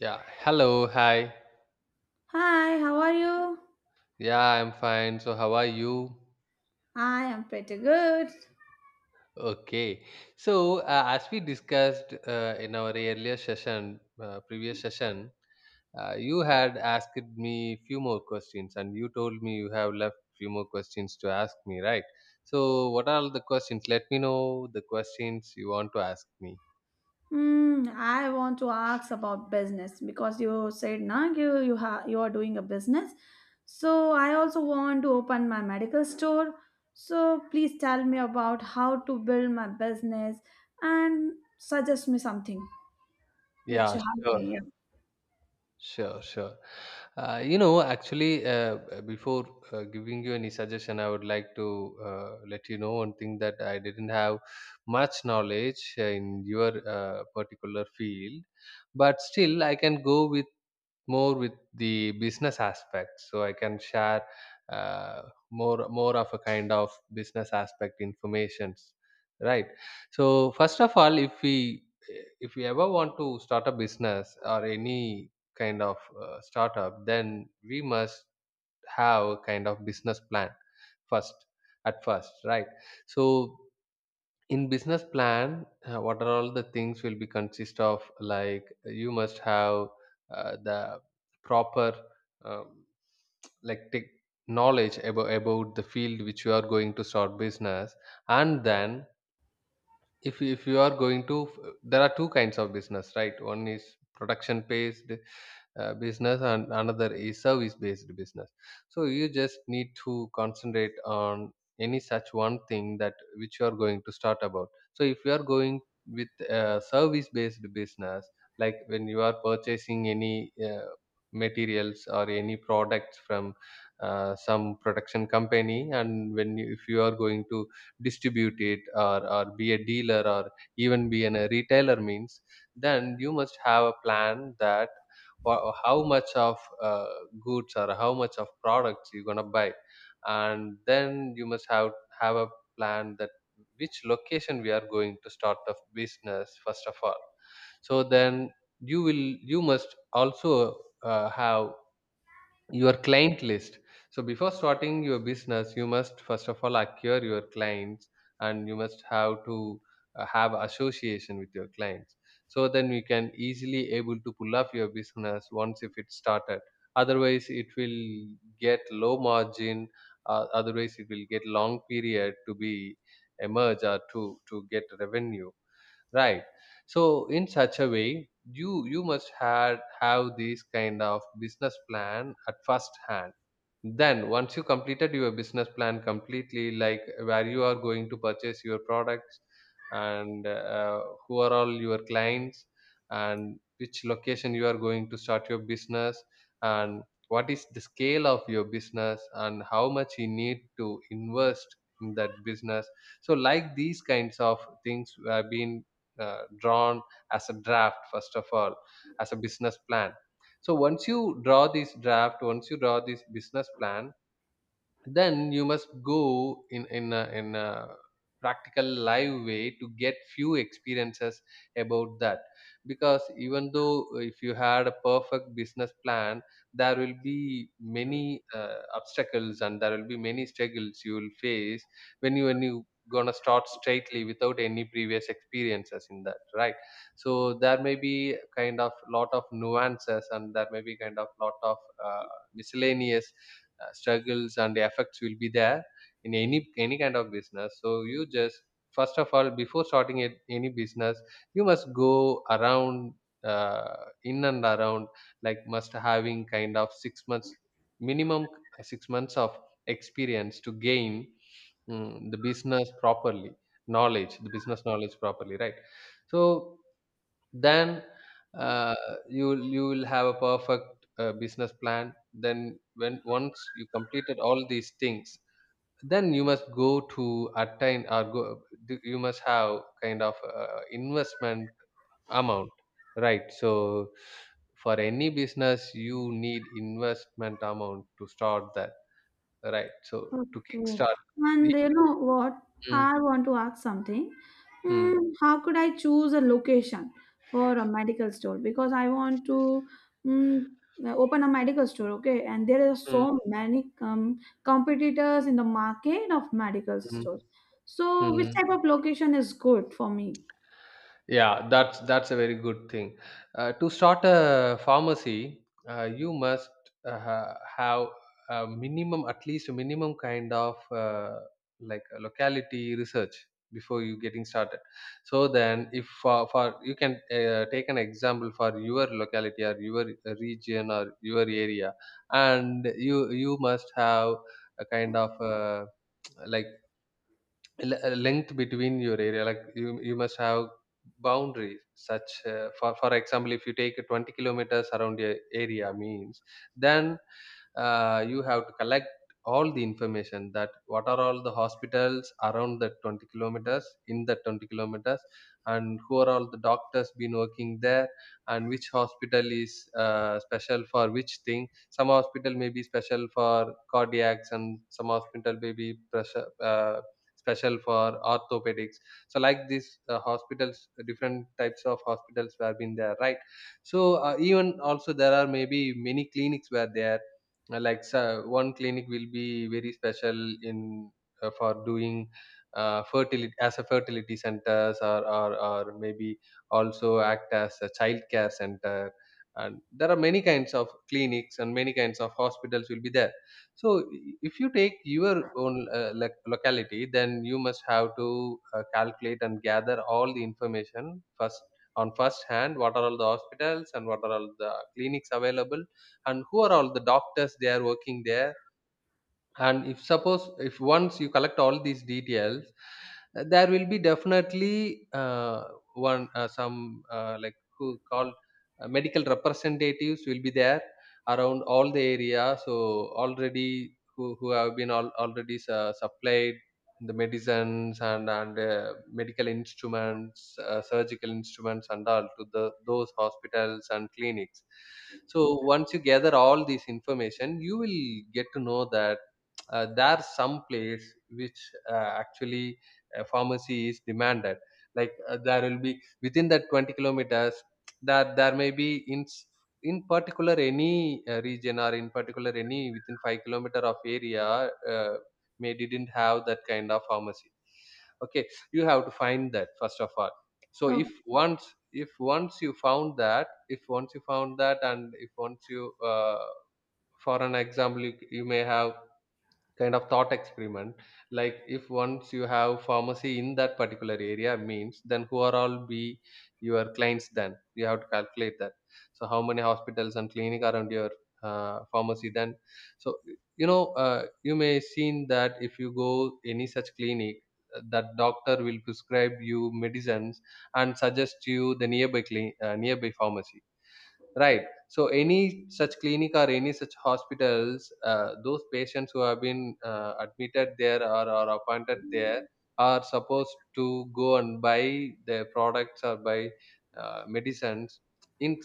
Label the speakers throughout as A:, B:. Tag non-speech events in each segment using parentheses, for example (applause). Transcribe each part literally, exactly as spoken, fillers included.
A: Yeah, hello, hi.
B: Hi, how are you?
A: Yeah, I'm fine. So, how are you?
B: I am pretty good.
A: Okay. So, uh, as we discussed uh, in our earlier session, uh, previous session, uh, you had asked me few more questions, and you told me you have left few more questions to ask me, right? So, what are the questions? Let me know the questions you want to ask me.
B: Hmm, I want to ask about business because you said na you you ha you are doing a business. So I also want to open my medical store. So please tell me about how to build my business and suggest me something which
A: Yeah,
B: helps
A: sure.
B: me. Yeah.
A: Sure, sure. Uh, you know, actually, uh, uh, before uh, giving you any suggestion, I would like to uh, let you know one thing that I didn't have much knowledge uh, in your uh, particular field, but still, I can go with more with the business aspect, so I can share, uh, more more of a kind of business aspect informations, right? So first of all, if we, if we ever want to start a business or any kind of uh, startup, then we must have a kind of business plan first, at first, right? So in business plan, uh, what are all the things will be consist of, like you must have uh, the proper um, like tech knowledge about about the field which you are going to start business. And then if you- if you are going to, there are two kinds of business, right? One is production based uh, business and another is service based business. So you just need to concentrate on any such one thing that which you are going to start about. So if you are going with a service based business, like when you are purchasing any uh, materials or any products from uh, some production company, and when you, if you are going to distribute it, or, or be a dealer or even be in a retailer means, then you must have a plan that wha- how much of uh, goods or how much of products you're gonna buy. And then you must have have a plan that which location we are going to start the business first of all. So then you will, you must also uh, have your client list. So before starting your business, you must first of all acquire your clients, and you must have to uh, have association with your clients. So then you can easily able to pull off your business once if it started. Otherwise it will get low margin, uh, otherwise it will get long period to be emerge or to to get revenue, right? So in such a way, you you must have have this kind of business plan at first hand. Then once you completed your business plan completely, like where you are going to purchase your products, and uh, who are all your clients, and which location you are going to start your business, and what is the scale of your business and how much you need to invest in that business. So like these kinds of things have been uh, drawn as a draft first of all, as a business plan. So once you draw this draft, once you draw this business plan, then you must go in in a, in a practical live way to get few experiences about that. Because even though uh, if you had a perfect business plan, there will be many uh, obstacles and there will be many struggles you will face when you, when you gonna start straightly without any previous experiences in that, right? So there may be kind of lot of nuances and there may be kind of lot of uh, miscellaneous uh, struggles and effects will be there in any any kind of business. So you just first of all before starting it, any business, you must go around uh, in and around, like must having kind of six months minimum, uh, six months of experience to gain, mm, the business properly, knowledge the business knowledge properly, right? So then, uh, you will- you will have a perfect uh, business plan then, when once you completed all these things, then you must go to attain or go do- you must have kind of uh, investment amount, right? So for any business you need investment amount to start that, right? So to
B: Okay.
A: kickstart,
B: And
A: if
B: you
A: you-
B: know what?
A: Mm,
B: I want to ask something.
A: mm,
B: Mm, how could I choose a location for a medical store? Because I want to mm, open a medical store, okay? And there are
A: mm,
B: so many um, competitors in the market of medical
A: mm,
B: stores. So, which
A: mm.
B: type of location is good for me?
A: Yeah, that's that's a very good thing. Uh, to start a pharmacy, uh, you must uh, ha- have a minimum, at least a minimum kind of, uh, like a locality research before you getting started. So then, if for, for you can uh, take an example for your locality or your region or your area, and you you must have a kind of uh, like le- uh, length between your area, like you you must have boundaries such, uh, for for example, if you take a twenty kilometers around your area means, then uh, you have to collect all the information that what are all the hospitals around the twenty kilometers, in the twenty kilometers, and who are all the doctors been working there, and which hospital is uh, special for which thing. Some hospital may be special for cardiacs and some hospital may be pressure, uh, special for orthopedics. So like these uh, hospitals, different types of hospitals were been there, right? So uh, even also there are maybe many clinics were there. Uh, like, so one clinic will be very special in, uh, for doing uh, fertility, as a fertility centers, or, or or maybe also act as a child care center. And there are many kinds of clinics and many kinds of hospitals will be there. So if you take your own uh, loc- locality, then you must have to uh, calculate and gather all the information first on first hand. What are all the hospitals and what are all the clinics available, and who are all the doctors they are working there, and if suppose if once you collect all these details, uh, there will be definitely uh, one uh, some uh, like who called uh, medical representatives will be there around all the area, so already who, who have been all, already uh, supplied the medicines, and and uh, medical instruments, uh, surgical instruments and all to the those hospitals and clinics. So once you gather all this information you will get to know that uh, there are some place which uh, actually uh, pharmacy is demanded. Like uh, there will be within that twenty kilometers that there may be in s- in particular any uh, region, or in particular any within five kilometer of area uh, may didn't have that kind of pharmacy, okay? You have to find that first of all. So if once, if once you found that, if once you found that and if once you, uh, for an example, you, you may have kind of thought experiment, like if once you have pharmacy in that particular area means, then who are all be your clients, then you have to calculate that. So how many hospitals and clinic around your uh, pharmacy, then so you know, uh, you may seen that if you go any such clinic, uh, that doctor will prescribe you medicines and suggest you the nearby cli- uh, nearby pharmacy. Right. So any such clinic or any such hospitals, uh, those patients who have been uh, admitted there, or, or appointed there, are supposed to go and buy their products or buy uh, medicines in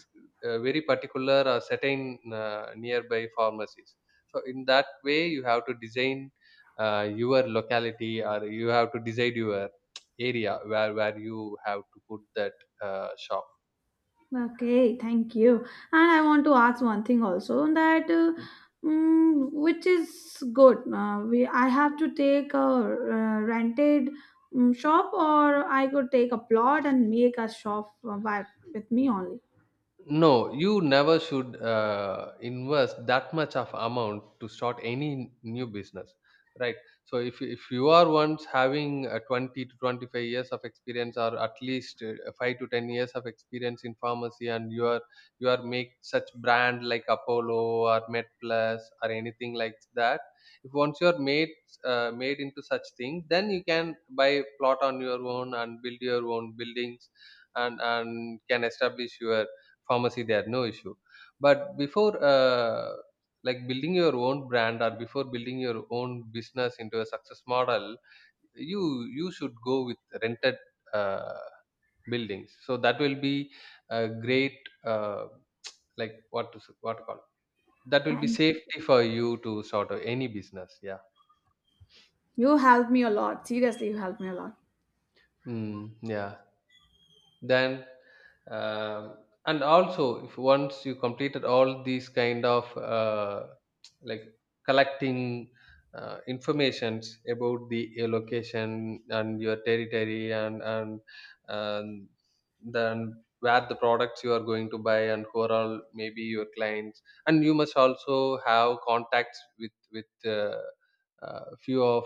A: uh, very particular or certain uh, nearby pharmacies. So in that way, you have to design uh, your locality, or you have to decide your area where, where you have to put that uh, shop.
B: Okay, thank you. And I want to ask one thing also that uh, mm, which is good. Uh, we I have to take a uh, rented um, shop, or I could take a plot and make a shop uh, by, with me only.
A: No, you never should uh, invest that much of amount to start any new business, right? So if you- if you are once having a twenty to twenty-five years of experience or at least uh, five to ten years of experience in pharmacy and you are you are make such brand like Apollo or MedPlus or anything like that. If once you are made uh, made into such thing, then you can buy plot on your own and build your own buildings, and and can establish your pharmacy there, no issue. But before uh, like building your own brand or before building your own business into a success model, you you should go with rented uh, buildings, so that will be a great, uh, like, what to s- what to call, that will be
B: Thank
A: safety for you to sort of any business, yeah.
B: you, helped me a lot. Seriously, you helped me a lot.
A: Mm, yeah. Then, um, and also if once you completed all these kind of uh, like collecting uh, informations about the your location and your territory, and and and then where the products you are going to buy and who are all maybe your clients, and you must also have contacts with with uh, uh, few of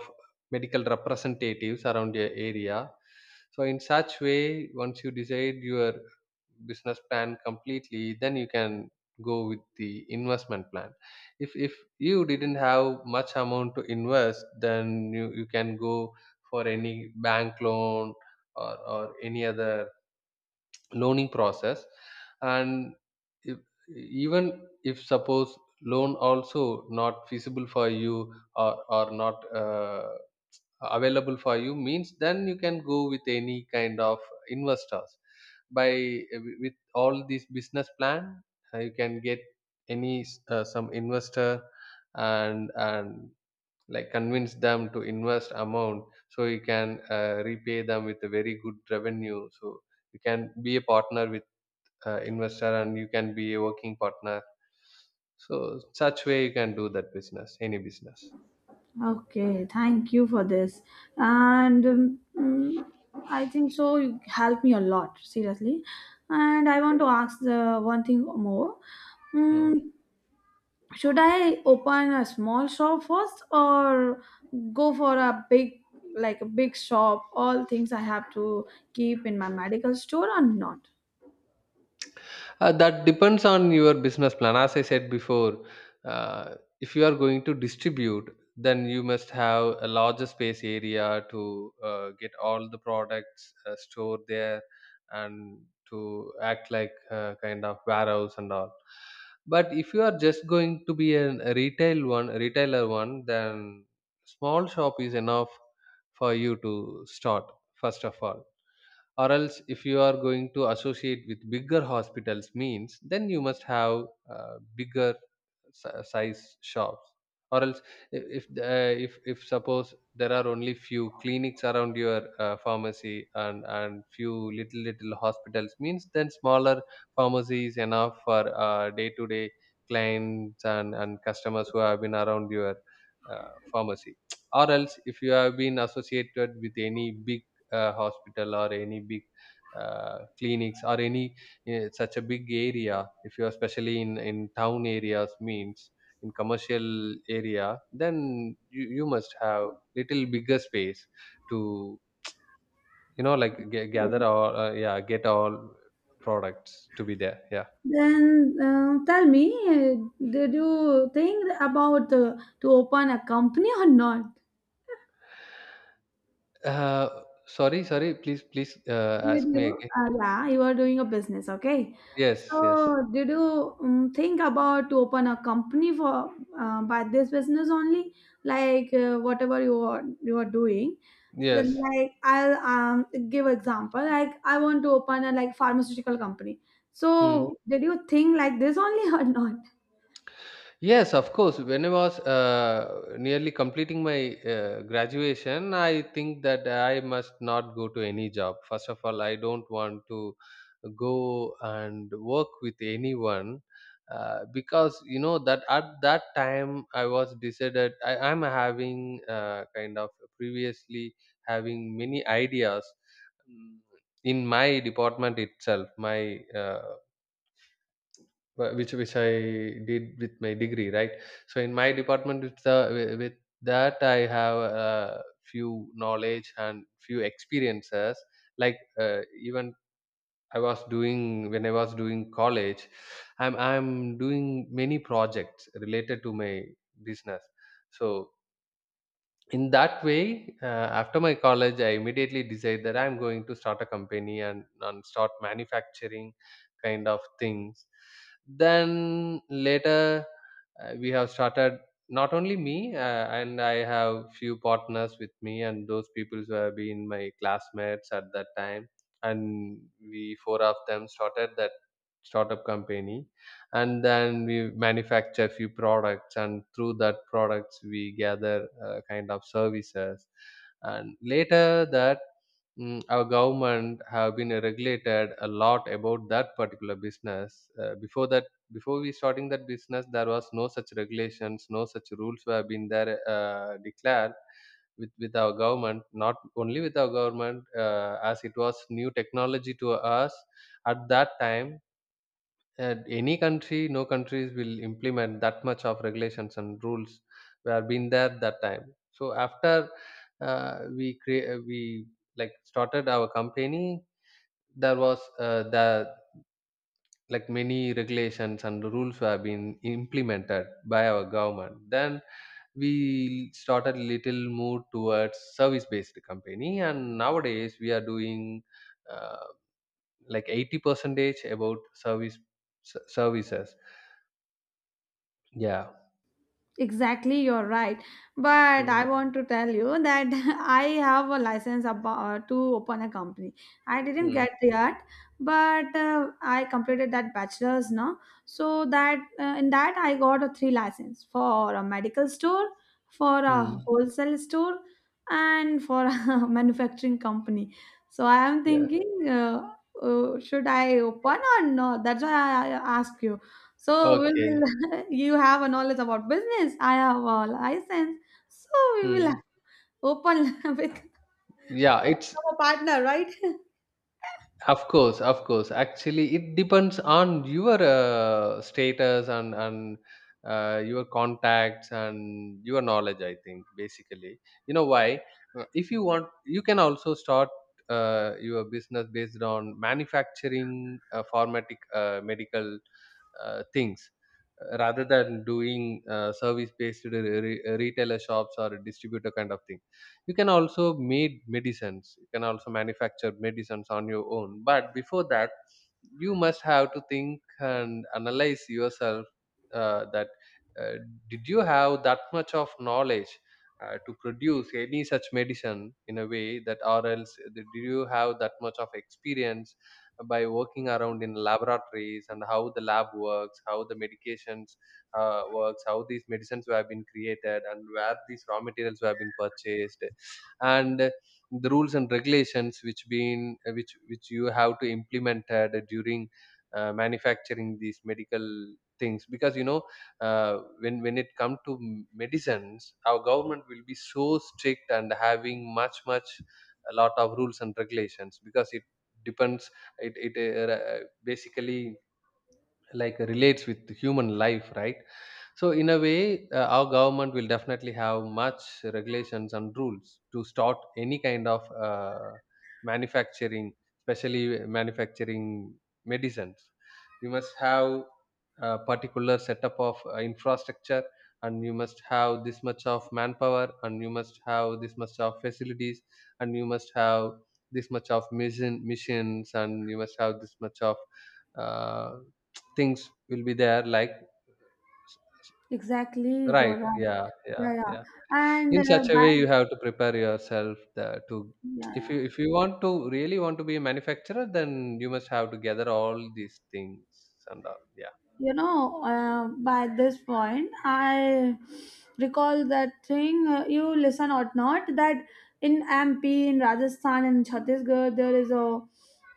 A: medical representatives around your area. So in such way, once you decide your business plan completely, then you can go with the investment plan. If if you didn't have much amount to invest, then you, you can go for any bank loan or, or any other loaning process. And if, even if suppose loan also not feasible for you, or, or not uh, available for you, means then you can go with any kind of investors. By, with all this business plan, uh, you can get any, uh, some investor, and and like convince them to invest amount, so you can uh, repay them with a very good revenue. So you can be a partner with, uh, investor, and you can be a working partner. So such way you can do that business, any business.
B: Okay, thank you for this. And um, mm, I think so you helped me a lot, seriously. And I want to ask the one thing more.
A: Hmm.
B: Mm, should I open a small shop first or go for a big like a big shop, all things I have to keep in my medical store or not?
A: Uh, that depends on your business plan. As I said before, uh, if you are going to distribute, then you must have a larger space area to uh, get all the products uh, stored there, and to act like uh, kind of warehouse and all. But if you are just going to be an, a retail one, a retailer one, then small shop is enough for you to start, first of all. Or else if you are going to associate with bigger hospitals means, then you must have uh, bigger si- size shops. Or else i- if uh, if if suppose there are only few clinics around your uh, pharmacy, and and few little little hospitals means, then smaller pharmacy is enough for uh, day-to-day clients and and customers who have been around your uh, pharmacy. (tsk) Or else if you have been associated with any big, uh, hospital or any big, uh, clinics, or any uh, such a big area, if you are especially in in town areas means, in commercial area, then you, you must have little bigger space to, you know like, g- gather all, uh, yeah, get all products to be there, yeah.
B: Then uh, tell me, uh, did you think about, uh, to open a company or not?
A: uh, Sorry, sorry, please, please, uh,
B: Did
A: ask me
B: you?
A: again.
B: Uh, yeah, you are doing a business, okay?
A: Yes, yes,
B: So, did you um, think about to open a company for, uh, by this business only? Like, uh, whatever you are you are doing, then
A: yes.
B: like I'll um give example. Like I want to open a like pharmaceutical company.
A: Hmm.
B: So, did you think like this only (laughs) or not?
A: Yes, of course. When I was uh, nearly completing my uh, graduation, I think that I must not go to any job. First of all, I don't want to go and work with anyone, uh, because you know that at that time I was decided. I am having uh, kind of, previously, having many ideas mm, in my department itself. My uh, wh- which which I did with my degree, right? So in my department, with the wi- with that I have a few knowledge and few experiences. Like, uh, even I was doing when I was doing college, I'm I'm doing many projects related to my business. So in that way, uh, after my college, I immediately decided that I'm going to start a company, and, and start manufacturing kind of things. Then later, uh, we have started, not only me, uh, and I have few partners with me, and those people who have been my classmates at that time, and we four of them started that startup company. And then we manufacture few products, and through that products we gather uh, kind of services. And later that, mm, our government have been regulated a lot about that particular business, uh, before that, before we starting that business, there was no such regulations, no such rules were been there, uh, declared with with our government. Not only with our government, uh, as it was new technology to us at that time, uh, any country no countries will implement that much of regulations and rules we have been there that time. So after, uh, we create we like started our company, there was, uh, the like many regulations and rules were been implemented by our government. Then we started little move towards service based company, and nowadays we are doing, uh, like eighty percentage about service, s- services, yeah.
B: Exactly, you're right. But I
A: Mm,
B: want to tell you that (laughs) I have a license about, to open a company. I didn't
A: mm,
B: get yet, but uh, I completed that bachelor's now. So that, uh, in that I got a three license for a medical store, for a
A: mm.
B: wholesale store, and for (laughs) a manufacturing company. So I am
A: Yeah.
B: thinking, uh, uh, should I open or not? That's why I I ask you, so we
A: Okay.
B: will. (laughs) You have a knowledge about business. I have a license. So we will
A: Mm.
B: open (laughs) with
A: Yeah, it's
B: a partner, right? (laughs)
A: of course, of course. Actually, it depends on your uh, status and and uh, your contacts and your knowledge. I think basically, you know why? Uh, If you want, you can also start uh, your business based on manufacturing, uh, for medic, uh, medical uh, things, uh, rather than doing uh, service based re- re- retailer shops or distributor kind of thing. You can also made medicines, you can also manufacture medicines on your own. But before that, you must have to think and analyze yourself, uh, that, uh, did you have that much of knowledge uh, to produce any such medicine in a way that. Or else, uh, did you have that much of experience by working around in laboratories, and how the lab works, how the medications uh, works, how these medicines have been created, and where these raw materials have been purchased, and the rules and regulations which been uh, which which you have to implemented during uh, manufacturing these medical things. Because you know uh, when when it comes to m- medicines, our government will be so strict, and having much much a lot of rules and regulations, because it depends, it it uh, basically, like, relates with human life, right? So in a way, uh, our government will definitely have much regulations and rules to start any kind of uh, manufacturing, especially manufacturing medicines. You must have a particular setup of uh, infrastructure, and you must have this much of manpower, and you must have this much of facilities, and you must have this much of mission missions, and you must have this much of, uh, (tsk) things will be there, like.
B: Exactly, you're
A: Right.
B: right.
A: Yeah. Yeah.
B: Yeah, yeah.
A: Yeah.
B: And uh,
A: In such a
B: by
A: way, you have to prepare yourself, the, to.
B: yeah,
A: If you
B: yeah.
A: if you want to really want to be a manufacturer, then you must have to gather all these things and all. Yeah.
B: You know, uh, by this point, I recall that thing. Uh, you listen or not? That in M P, in Rajasthan, in Chhattisgarh, there is a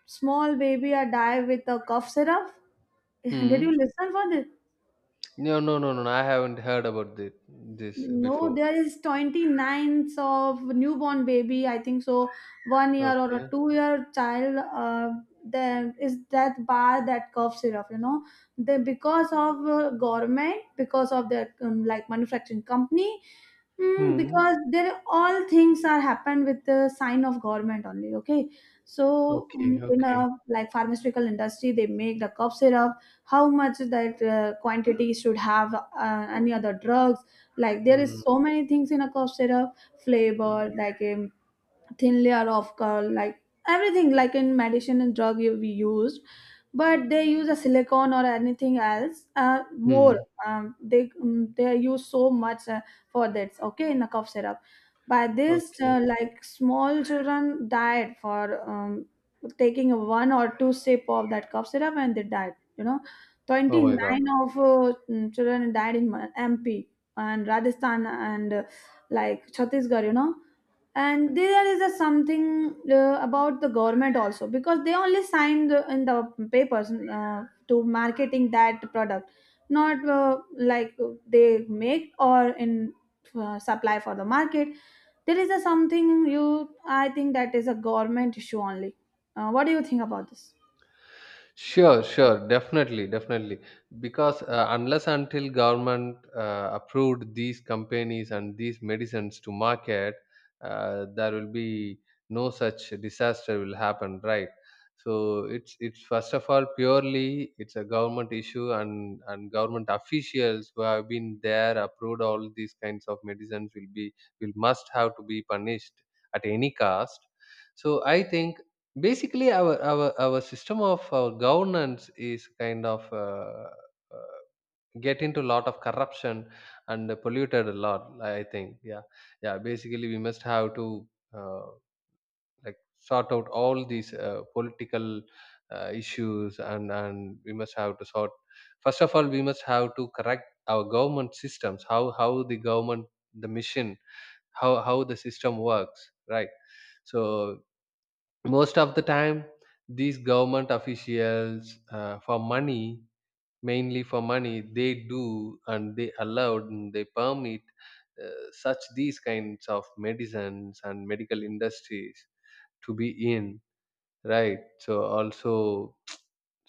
B: small baby a die with a cough syrup. (laughs) Did
A: Hmm.
B: you listen for this?
A: No. No. No. No. No, I haven't heard about this this
B: No,
A: before.
B: there is is twenty-ninth of newborn baby, I think so, one year or a
A: Okay.
B: two year child. Uh, there is that bar that cough syrup, you know, they because of uh, government, because of their um, like manufacturing company. Mm,
A: Hmm.
B: because there all things are happen with the sign of government only, okay, so
A: Okay.
B: mm, in a
A: Okay.
B: like pharmaceutical industry they make the cough syrup. How much that uh, quantity should have, uh, any other drugs, like there is
A: Hmm.
B: so many things in a cough syrup flavor, like um, thin layer of uh, like everything like in medicine and drug you we use, but they use a silicone or anything else uh, more.
A: Hmm.
B: um, they um, they use so much uh, for that. Okay, in a cough syrup, by this
A: Okay.
B: uh, like small children died for um, taking a one or two sip of that cough syrup, and they died you know
A: Oh my God.
B: twenty-nine of uh, mm, children died in MP and Rajasthan and uh, like chhattisgarh you know And there is a something uh, about the government also, because they only signed the- in the papers, uh, to marketing that product, not, uh, like, they make or in, uh, supply for the market. There is a something, you, I think that is a government issue only. Uh, what do you think about this?
A: Sure, sure, definitely, definitely. Because, uh, unless until government uh, approved these companies and these medicines to market, uh, there will be no such disaster will happen, right? So it's it's first of all, purely, it's a government issue, and and government officials who have been there approved all these kinds of medicines will be will must have to be punished at any cost. So I think basically, our our our system of uh, governance is kind of, uh, uh, get into a lot of corruption and polluted a lot, I think, yeah. Yeah, basically we must have to, uh, like, sort out all these uh, political uh, issues, and and we must have to sort first of all, we must have to correct our government systems, how how the government, the mission, how how the system works, right? So most of the time, these government officials, uh, for money mainly for money, they do, and they allowed, and they permit uh, such these kinds of medicines and medical industries to be in, right? So also,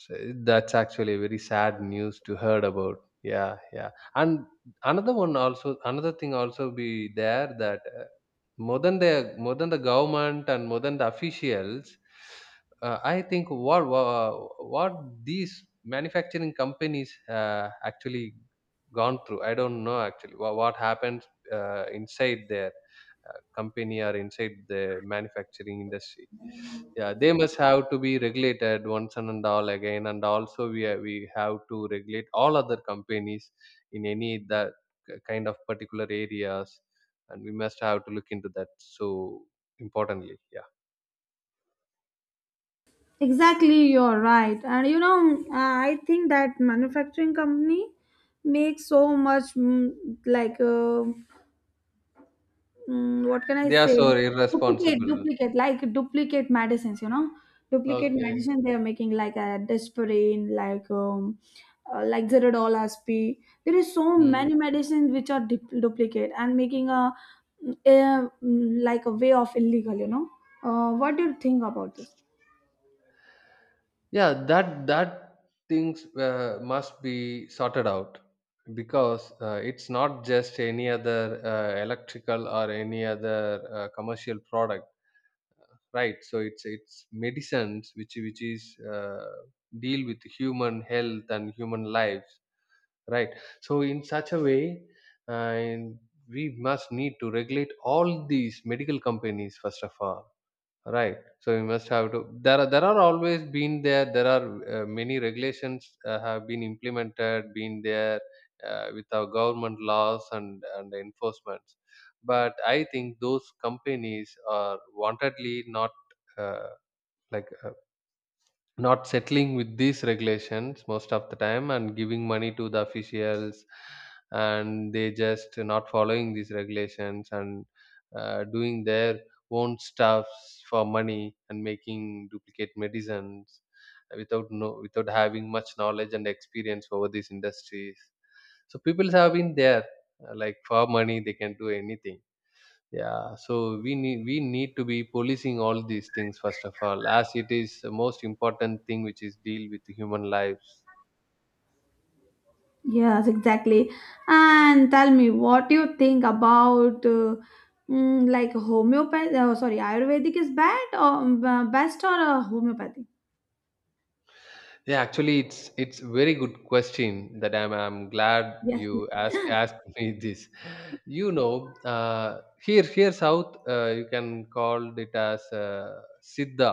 A: so that's actually very sad news to heard about. Yeah, yeah. And another one also, another thing also be there, that uh, more than the more than the government, and more than the officials, uh, I think, what, what what these manufacturing companies uh, actually gone through. I don't know actually what, what happens uh, inside their uh, company, or inside the manufacturing industry. Yeah, they must have to be regulated once and and all again, and also we ha- we have to regulate all other companies in any that k- kind of particular areas, and we must have to look into that. So, importantly, yeah,
B: Exactly, you're right. And you know, I think that manufacturing company makes so much, mm, like uh, Mm, what can I
A: they are
B: say?
A: so
B: Duplicate,
A: irresponsible.
B: duplicate, like duplicate medicines, you know, duplicate
A: Okay.
B: medicine they are making, like a desperine, like um, uh, like Zerodol, aspi. There is so
A: Mm.
B: many medicines which are du- duplicate and making a, a mm, like a way of illegal, you know. Uh, what do you think about this?
A: Yeah, that that things, uh, must be sorted out. Because, uh, it's not just any other uh, electrical, or any other uh, commercial product, right? So it's it's medicines, which which is, uh, deal with human health and human lives, right? So in such a way, and we must need to regulate all these medical companies, first of all. Right. So we must have to. There are there are always been there. There are uh, many regulations uh, have been implemented, been there uh, with our government laws and and enforcements. But I think those companies are wantedly not uh, like uh, not settling with these regulations most of the time, and giving money to the officials, and they just not following these regulations, and uh, doing their own stuffs for money, and making duplicate medicines without no without having much knowledge and experience over these industries. So people have been there, uh, like, for money they can do anything, yeah. So we need we need to be policing all these things, first of all, as it is the most important thing, which is deal with human lives.
B: Yes, exactly. And tell me, what do you think about, uh, mm, like homeopathy? Oh, sorry, Ayurvedic is bad or um, best, or uh, homeopathy?
A: Yeah, actually it's it's very good question that i'm i'm glad
B: Yes. Yes.
A: you ask asked (laughs) me this. you know uh, here here south, uh, you can call it as, uh, siddha,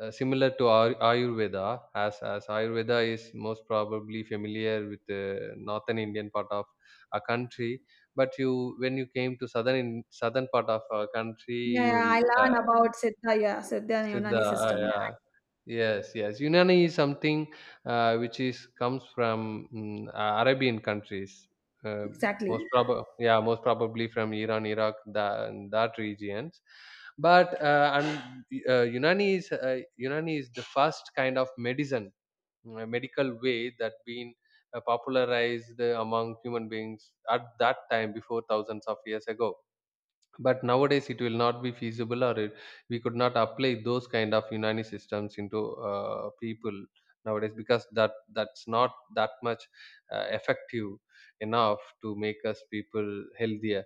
A: uh, similar to Ay- Ayurveda, as, as Ayurveda is most probably familiar with the northern Indian part of a country. But you, when you came to southern in, southern part of our country,
B: Yeah,
A: you
B: yeah, I
A: will uh,
B: learn about Siddha, yeah, Siddha
A: see
B: and
A: the
B: Unani
A: uh,
B: system. Yeah,
A: yeah, yes, yes. Unani is something uh, which is comes from mm, uh, Arabian countries. Uh,
B: exactly.
A: Most probably, yeah, most probably from Iran, Iraq, that, that regions. But uh, and uh, Unani is uh, Unani is the first kind of medicine, uh, medical way that been uh, popularized among human beings at that time before thousands of years ago, but nowadays it will not be feasible or it, we could not apply those kind of unani systems into uh, people nowadays, because that that's not that much uh, effective enough to make us people healthier.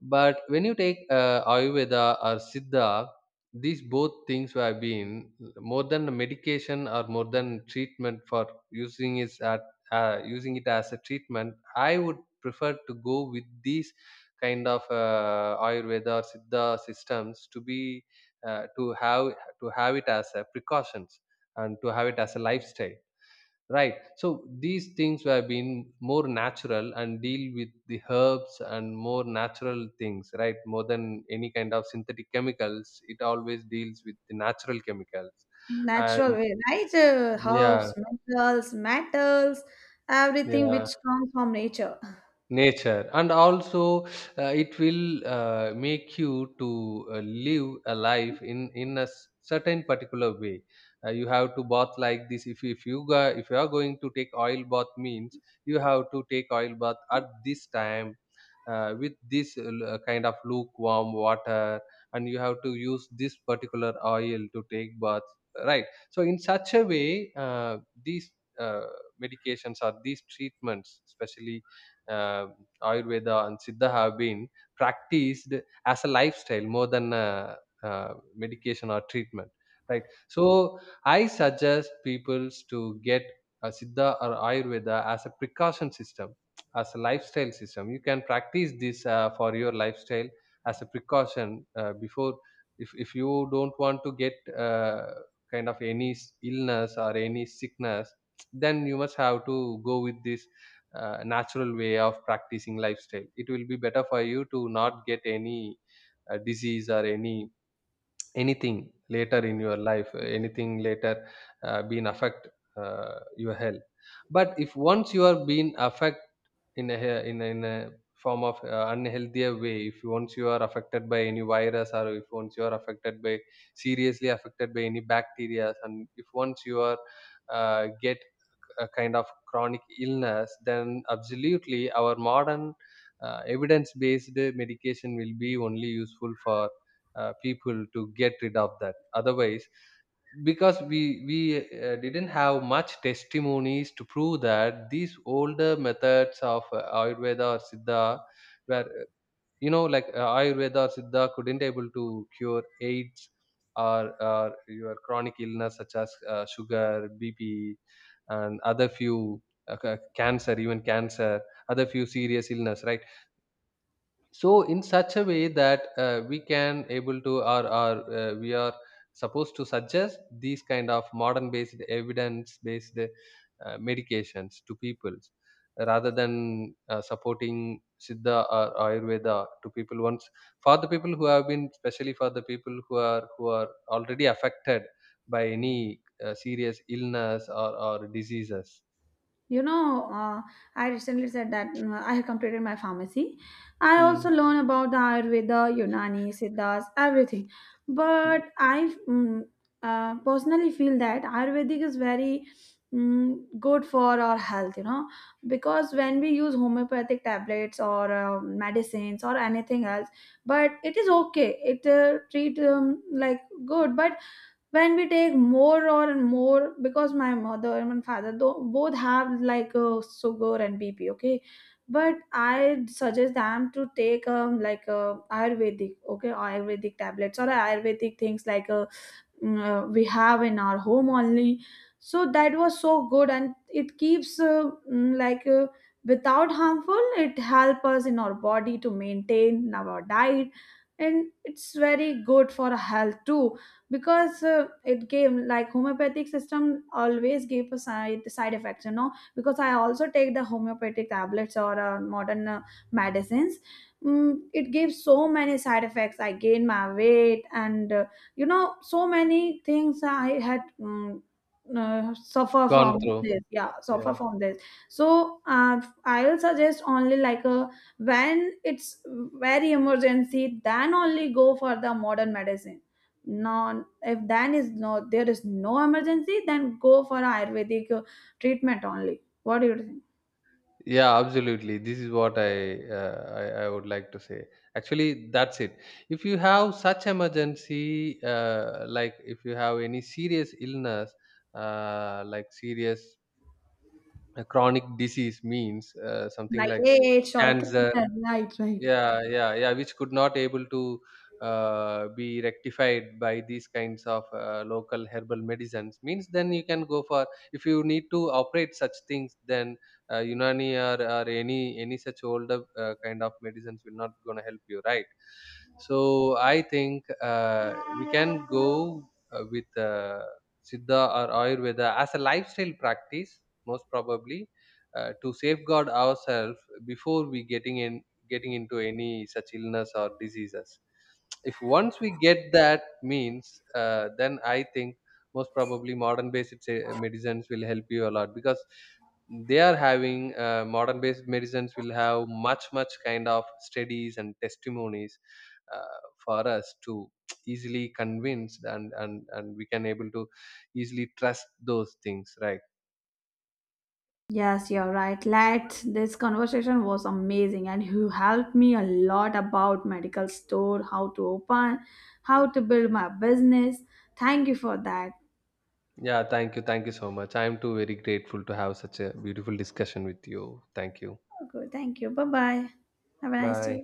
A: But when you take uh, Ayurveda or Siddha, these both things have been more than a medication or more than treatment for using is at uh, using it as a treatment. I would prefer to go with these kind of uh, Ayurveda or Siddha systems to be uh, to have to have it as a precautions and to have it as a lifestyle. Right. So these things have been more natural and deal with the herbs and more natural things, right? More than any kind of synthetic chemicals, it always deals with the natural chemicals.
B: Natural
A: And
B: way, right? Uh, herbs,
A: yeah,
B: minerals, metals, everything
A: yeah.
B: which comes from nature.
A: Nature, and also uh, it will uh, make you to uh, live a life in in a s- certain particular way. Uh, you have to bath like this. If you- if you go, if you are going to take oil bath means, you have to take oil bath at this time uh, with this l- uh, kind of lukewarm water, and you have to use this particular oil to take baths, right? So in such a way, uh, these uh, medications or these treatments, especially uh, Ayurveda and Siddha, have been practiced as a lifestyle more than a, uh medication or treatment, right? So I suggest peoples to get a Siddha or Ayurveda as a precaution system, as a lifestyle system. You can practice this uh, for your lifestyle as a precaution uh, before. If, if you don't want to get uh, kind of any s- illness or any sickness, then you must have to go with this uh, natural way of practicing lifestyle. It will be better for you to not get any uh, disease or any anything later in your life, uh, anything later uh, being affect uh, your health. But if once you are being affect in a hea- in a, in a form of uh, unhealthier way, if you- once you are affected by any virus, or if once you are affected by, seriously affected by any bacteria, and if once you are uh, get a kind of chronic illness, then absolutely our modern uh, evidence based medication will be only useful for uh, people to get rid of that. Otherwise, because we we uh, didn't have much testimonies to prove that these older methods of uh, Ayurveda or Siddha were uh, you know like uh, Ayurveda or Siddha couldn't able to cure AIDS or, or your chronic illness, such as uh, sugar, B P, and other few uh, ca- cancer, even cancer, other few serious illness, right? So in such a way that uh, we can able to, or, or uh, we are supposed to suggest these kind of modern based, evidence based uh, medications to people, rather than uh, supporting Siddha or Ayurveda to people once, for the people who have been, especially for the people who are, who are already affected by any uh, serious illness or, or diseases.
B: You know, uh, I recently said that, mm, I have completed my pharmacy. I
A: Hmm.
B: also learn about the Ayurveda, Unani, Siddhas, everything.
A: Hmm.
B: But I, mm, uh, personally feel that Ayurvedic is very mm, good for our health, you know, because when we use homeopathic tablets or uh, medicines or anything else, but it is okay, it uh, treat, um, like good. But when we take more or more, because my mother and my father though both have like uh, sugar and bp, okay. But I suggest them to take, um, like uh, Ayurvedic, okay, Ayurvedic tablets or Ayurvedic things, like uh, uh, we have in our home only. So that was so good, and it keeps uh, mm, like uh, without harmful, it help us in our body to maintain our diet, and it's very good for health too. Because uh, it gave, like homeopathic system always gave a side side effects, you know, because I also take the homeopathic tablets or uh, modern uh, medicines. Mm, it gives so many side effects. I gain my weight, and uh, you know, so many things I had, mm, uh, suffer
A: Gone
B: from
A: through.
B: this, yeah, suffer
A: Yeah.
B: from this. So, uh, I'll suggest only, like a, when it's very emergency, then only go for the modern medicine. No, if then is no, there is no emergency, then go for Ayurvedic uh, treatment only. What do you think?
A: Yeah, absolutely. This is what I, uh, I I would like to say. Actually, that's it. If you have such emergency, uh, like if you have any serious illness, uh, like serious uh, chronic disease means uh, something
B: Like
A: like
B: age or a
A: cancer,
B: cancer, right, right?
A: yeah, yeah, yeah, which could not able to uh, be rectified by these kinds of uh, local herbal medicines means, then you can go for, if you need to operate such things, then uh, Unani or, or any any such older uh, kind of medicines will not gonna help you, right? So I think uh, we can go uh, with uh, Siddha or Ayurveda as a lifestyle practice, most probably uh, to safeguard ourselves before we getting in getting into any such illness or diseases. If once we get that means, uh, then I think most probably modern based uh, medicines will help you a lot, because they are having uh, modern based medicines will have much much kind of studies and testimonies uh, for us to easily convince, and and and we can able to easily trust those things, right?
B: Yes, you're right. Let this conversation was amazing, and you helped me a lot about medical store, how to open, how to build my business. Thank you for that.
A: Yeah, thank you, thank you so much. I am too very grateful to have such a beautiful discussion with you. Thank you.
B: Okay, thank you. Bye bye. Have a nice
A: Bye.
B: day.